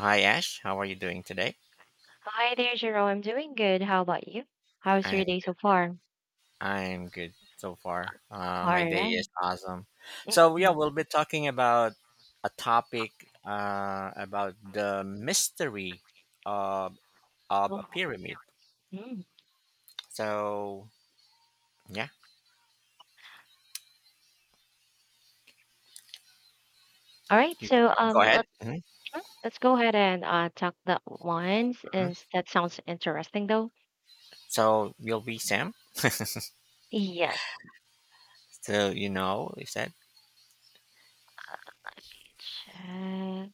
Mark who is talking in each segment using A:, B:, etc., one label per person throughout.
A: Hi Ash, how are you doing today?
B: Hi there, Jerome. I'm doing good. How about you? How's
A: I'm
B: your day so far?
A: I'm good so far.
B: All
A: My day
B: right.
A: is awesome. So yeah,
B: Mhm.
A: we'll be talking about a topic about the mystery of of a
B: Oh,
A: pyramid.
B: mm.
A: So yeah,
B: All right.
A: you
B: So
A: go
B: um,
A: ahead. Mhm,
B: let's go ahead and talk that once, and
A: mhm.
B: that sounds interesting though.
A: So you'll be Sam.
B: Yes.
A: So, you said
B: Let me check.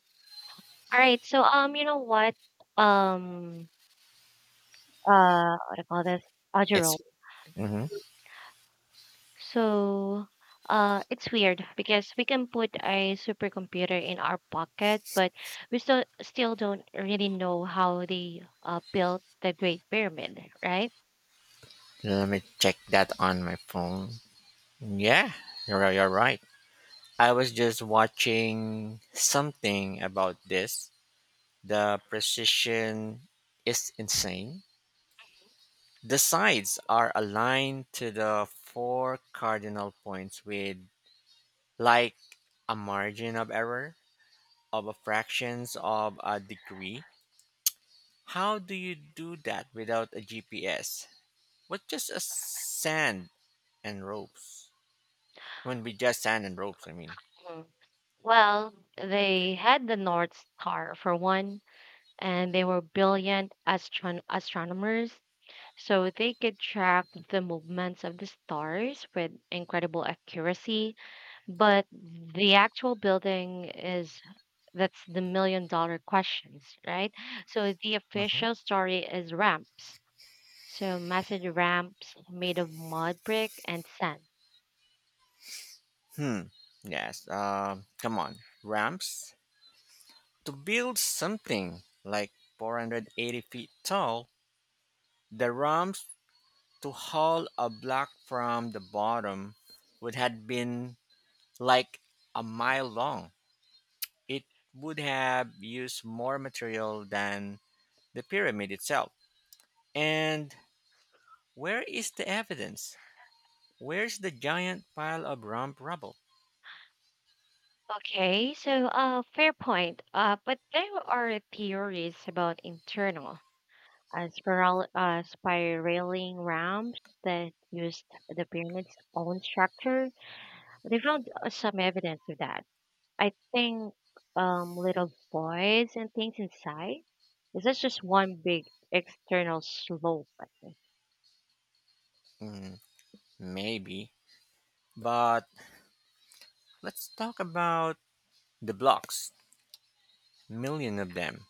B: All right. So you know what? Um, what do I call this? Jerome.
A: it's. Hmm.
B: So it's weird because we can put a supercomputer in our pocket, but we still don't really know how they built the Great Pyramid, right?
A: Let me check that on my phone. Yeah, you're right. I was just watching something about this. The precision is insane. The sides are aligned to the four cardinal points with like a margin of error of a fractions of a degree. How do you do that without a GPS? With just a sand and ropes. When we just sand and ropes, I mean.
B: Mhm. Well, they had the North Star for one, and they were brilliant astronomers, so they could track the movements of the stars with incredible accuracy. But the actual building is that's the $1 million questions, right? So the
A: Mhm.
B: official story is ramps. So massive ramps made of mud, brick, and sand.
A: Hmm. Yes. Come on. Ramps to build something like 480 feet tall. The ramps to haul a block from the bottom would have been like a mile long. It would have used more material than the pyramid itself. And where is the evidence? Where's the giant pile of ramp rubble?
B: Okay, so fair point. But there are theories about internal spiral spiraling ramps that used the pyramid's own structure. They found some evidence of that. I think little voids and things inside is that just one big external slope? I think.
A: Mm, maybe. But let's talk about the blocks. Million of them,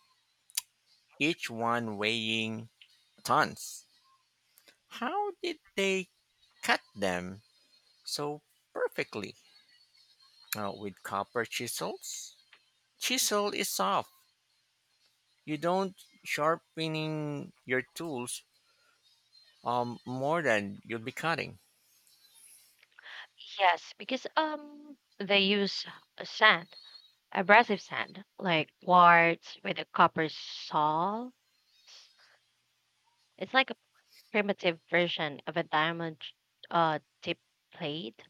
A: each one weighing tons. How did they cut them so perfectly? With copper chisels, chisel is soft. You don't sharpening your tools more than you'll be cutting.
B: Yes, because they use a sand, abrasive sand, like quartz with a copper saw. It's like a primitive version of a diamond tip plate.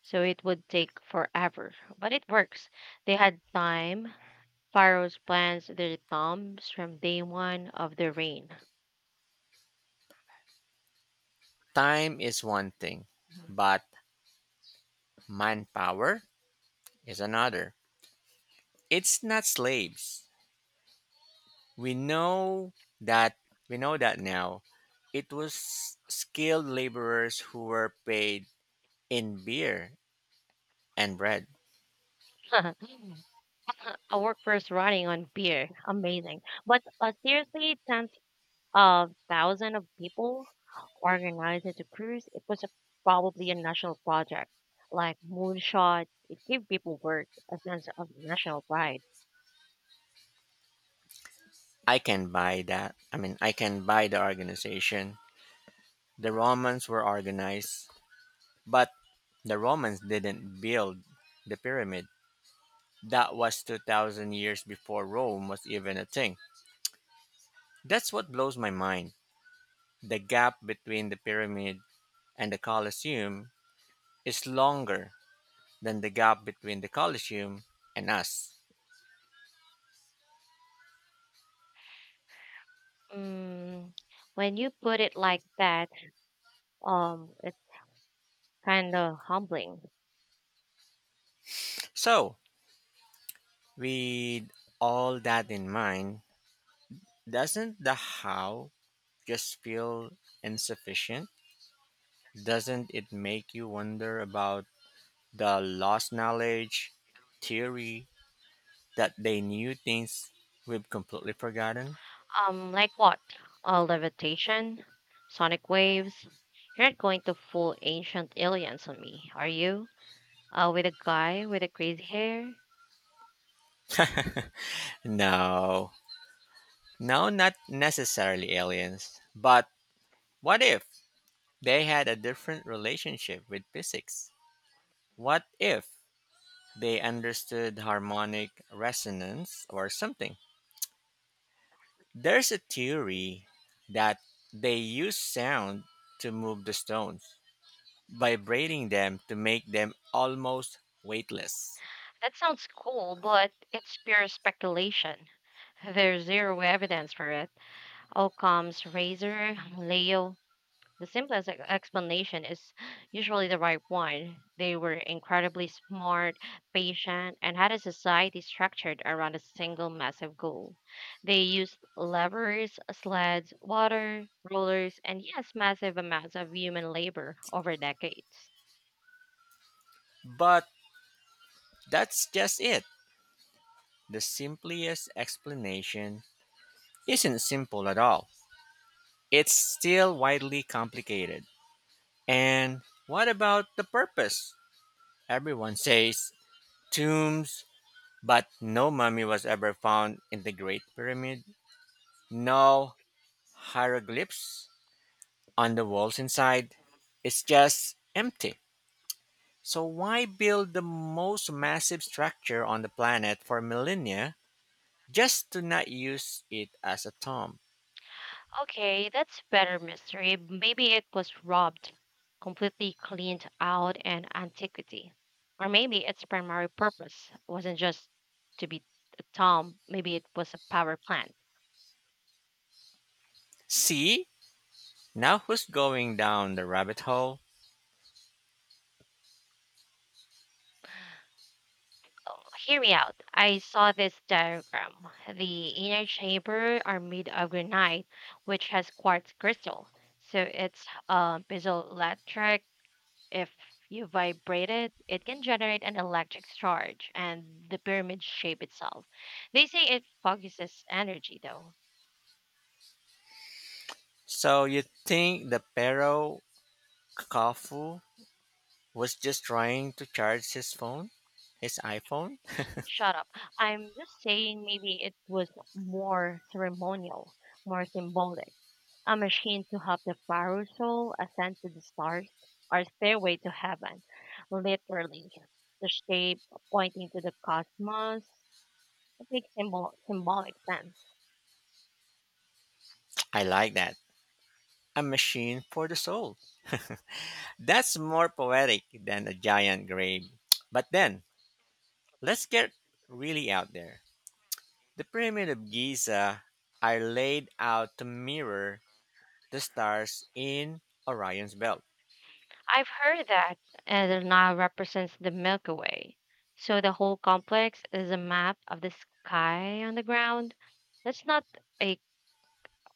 B: So it would take forever, but it works. They had time. Pharaohs plans their thumbs from day one of their reign.
A: Time is one thing, but manpower is another. It's not slaves. We know that we know that now. It was skilled laborers who were paid in beer and bread.
B: A workforce running on beer. Amazing. But seriously, tens of thousands of people organized into cruise. Probably a national project, like moonshot. It gave people work, a sense of national pride.
A: I can buy that. I mean, I can buy the organization. The Romans were organized, but the Romans didn't build the pyramid. That was 2000 years before Rome was even a thing. That's what blows my mind. The gap between the pyramid and the Colosseum is longer than the gap between the Colosseum and us.
B: Mm, when you put it like that, it's kind of humbling.
A: So, with all that in mind, doesn't the how just feel insufficient? Doesn't it make you wonder about the lost knowledge theory, that they knew things we've completely forgotten?
B: Like what? Levitation, sonic waves. You're not going to fool ancient aliens on me, are you? With a guy with a crazy hair.
A: No. No, not necessarily aliens. But what if they had a different relationship with physics? What if they understood harmonic resonance or something? There's a theory that they use sound to move the stones, vibrating them to make them almost weightless.
B: That sounds cool, but it's pure speculation. There's zero evidence for it. Occam's razor, Leo. The simplest explanation is usually the right one. They were incredibly smart, patient, and had a society structured around a single massive goal. They used levers, sleds, water, rollers, and yes, massive amounts of human labor over decades.
A: But that's just it. The simplest explanation isn't simple at all. It's still widely complicated. And what about the purpose? Everyone says tombs, but no mummy was ever found in the Great Pyramid. No hieroglyphs on the walls inside. It's just empty. So why build the most massive structure on the planet for millennia just to not use it as a tomb?
B: Okay, that's better mystery. Maybe it was robbed, completely cleaned out, and antiquity. Or maybe its primary purpose wasn't just to be a tomb, maybe it was a power plant.
A: See? Now who's going down the rabbit hole?
B: Hear me out. I saw this diagram. The inner chamber are made of granite, which has quartz crystal. So it's piezoelectric. If you vibrate it, it can generate an electric charge and the pyramid shape itself. They say it focuses energy, though.
A: So you think the Pero Kafu was just trying to charge his phone? His iPhone?
B: Shut up. I'm just saying maybe it was more ceremonial, more symbolic. A machine to help the pharaoh's soul ascend to the stars or stairway to heaven. Literally, the shape pointing to the cosmos. It makes symbolic sense.
A: I like that. A machine for the soul. That's more poetic than a giant grave. But then, let's get really out there. The Pyramid of Giza are laid out to mirror the stars in Orion's belt.
B: I've heard that the Nile represents the Milky Way. So the whole complex is a map of the sky on the ground. That's not a,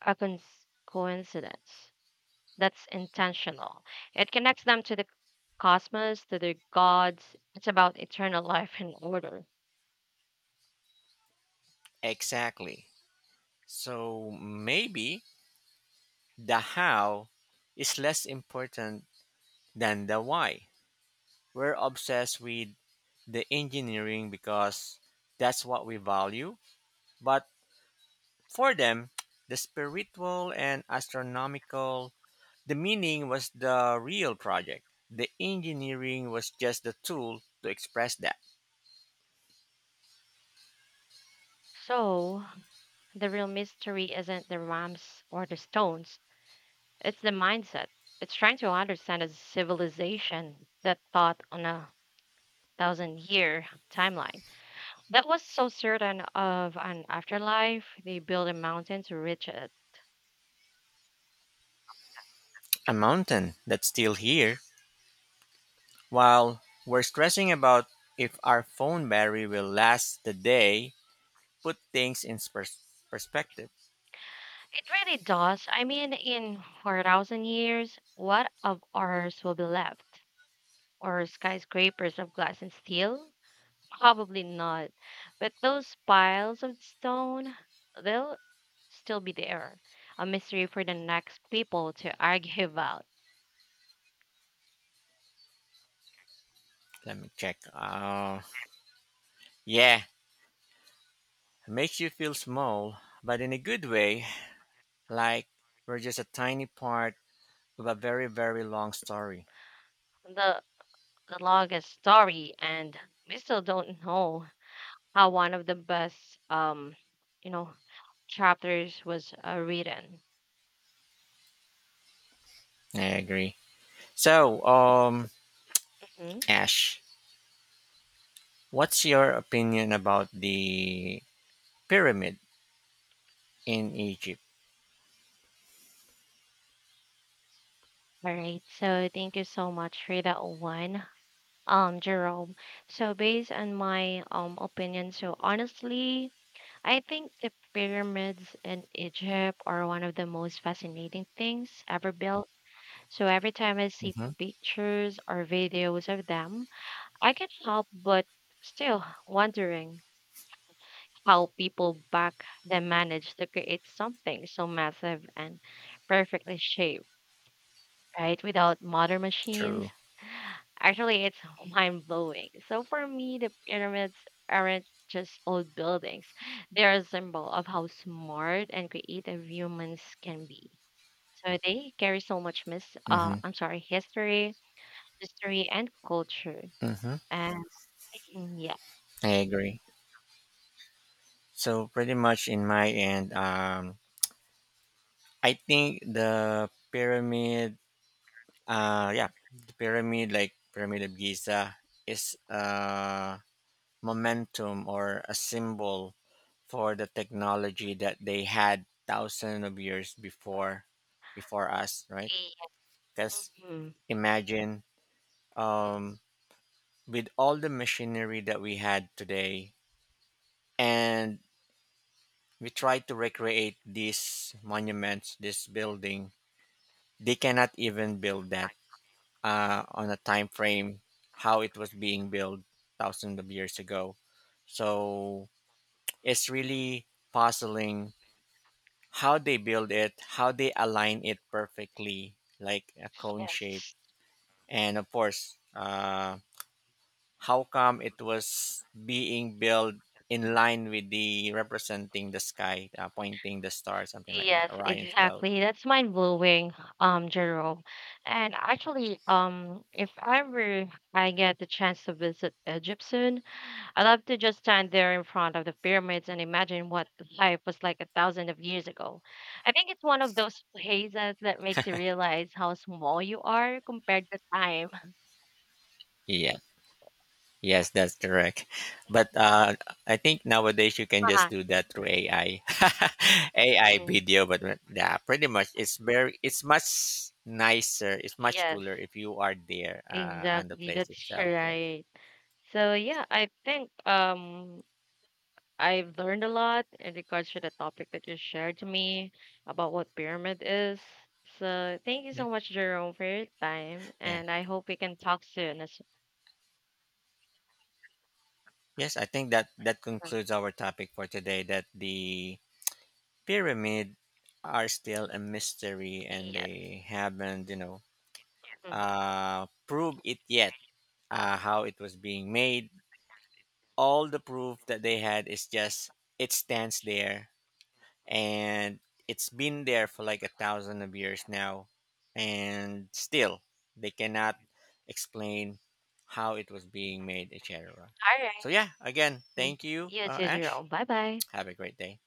B: A coincidence. That's intentional. It connects them to the cosmos, to the gods. It's about eternal life and order.
A: Exactly. So maybe the how is less important than the why. We're obsessed with the engineering because that's what we value. But for them, the spiritual and astronomical, the meaning was the real project. The engineering was just the tool to express that.
B: So the real mystery isn't the ramps or the stones, it's the mindset. It's trying to understand a civilization that thought on a thousand year timeline, that was so certain of an afterlife they built a mountain to reach it.
A: A mountain that's still here. While we're stressing about if our phone battery will last the day, put things in perspective.
B: It really does. I mean, in 4,000 years what of ours will be left, or skyscrapers of glass and steel? Probably not. But those piles of stone, they'll still be there, a mystery for the next people to argue about.
A: Let me check. Yeah, makes you feel small, but in a good way, like we're just a tiny part of a very, very long story.
B: the the longest story, and we still don't know how one of the best um you know chapters was written.
A: I agree. So,
B: Mhm.
A: Ash, what's your opinion about the pyramid in Egypt?
B: All right, so thank you so much for that one, Jerome. So based on my opinion, so honestly, I think the pyramids in Egypt are one of the most fascinating things ever built. So every time I see
A: Mm-hmm.
B: pictures or videos of them, I can't help but still wondering how people back then managed to create something so massive and perfectly shaped, right? Without modern machines.
A: True.
B: Actually, it's mind blowing. So for me, the pyramids aren't just old buildings, they're a symbol of how smart and creative humans can be. So they carry so much mis
A: Mm-hmm.
B: I'm sorry, history and culture.
A: Mm-hmm.
B: And yeah.
A: I agree. So, pretty much in my end, I think the pyramid, like pyramid of Giza, is a momentum or a symbol for the technology that they had thousands of years before us, right?
B: Yeah.
A: Because
B: Mhm.
A: imagine, um with all the machinery that we had today, and we try to recreate these monuments, this building, they cannot even build that on a time frame how it was being built thousands of years ago. So it's really puzzling how they build it, how they align it perfectly like a cone shape.
B: Yes.
A: And of course, how come it was being built in line with the representing the sky, pointing the star something like that,
B: Yes,
A: Orion's belt.
B: exactly. That's mind blowing, Jerome. And actually, if ever I get the chance to visit Egypt soon, I love to just stand there in front of the pyramids and imagine what life was like a thousand of years ago. I think it's one of those places that makes you realize how small you are compared to time.
A: Yeah. Yes, that's correct. But I think nowadays you can just
B: Uh-huh.
A: do that through AI, AI
B: Mm.
A: video. But yeah, pretty much it's very, it's much nicer, it's much
B: Yes,
A: cooler if you are there on the
B: exactly.
A: place
B: That's
A: itself. Yes.
B: right. So yeah, I think I've learned a lot in regards to the topic that you shared to me about what pyramid is. So thank you
A: Yeah.
B: so much, Jerome, for your time,
A: Yeah.
B: and I hope we can talk soon. As-
A: Yes, I think that
B: Mm.
A: concludes our topic for today. That the pyramid are still a mystery, and
B: Yes.
A: they haven't,
B: Mm.
A: proved it yet. How it was being made, all the proof that they had is just it stands there, and it's been there for like a thousand of years now, and still they cannot explain how it was being made, etc.
B: All
A: So
B: right.
A: yeah, again
B: Mm.
A: thank you,
B: You too,
A: Ash.
B: Jerome. Bye bye.
A: Have a great day.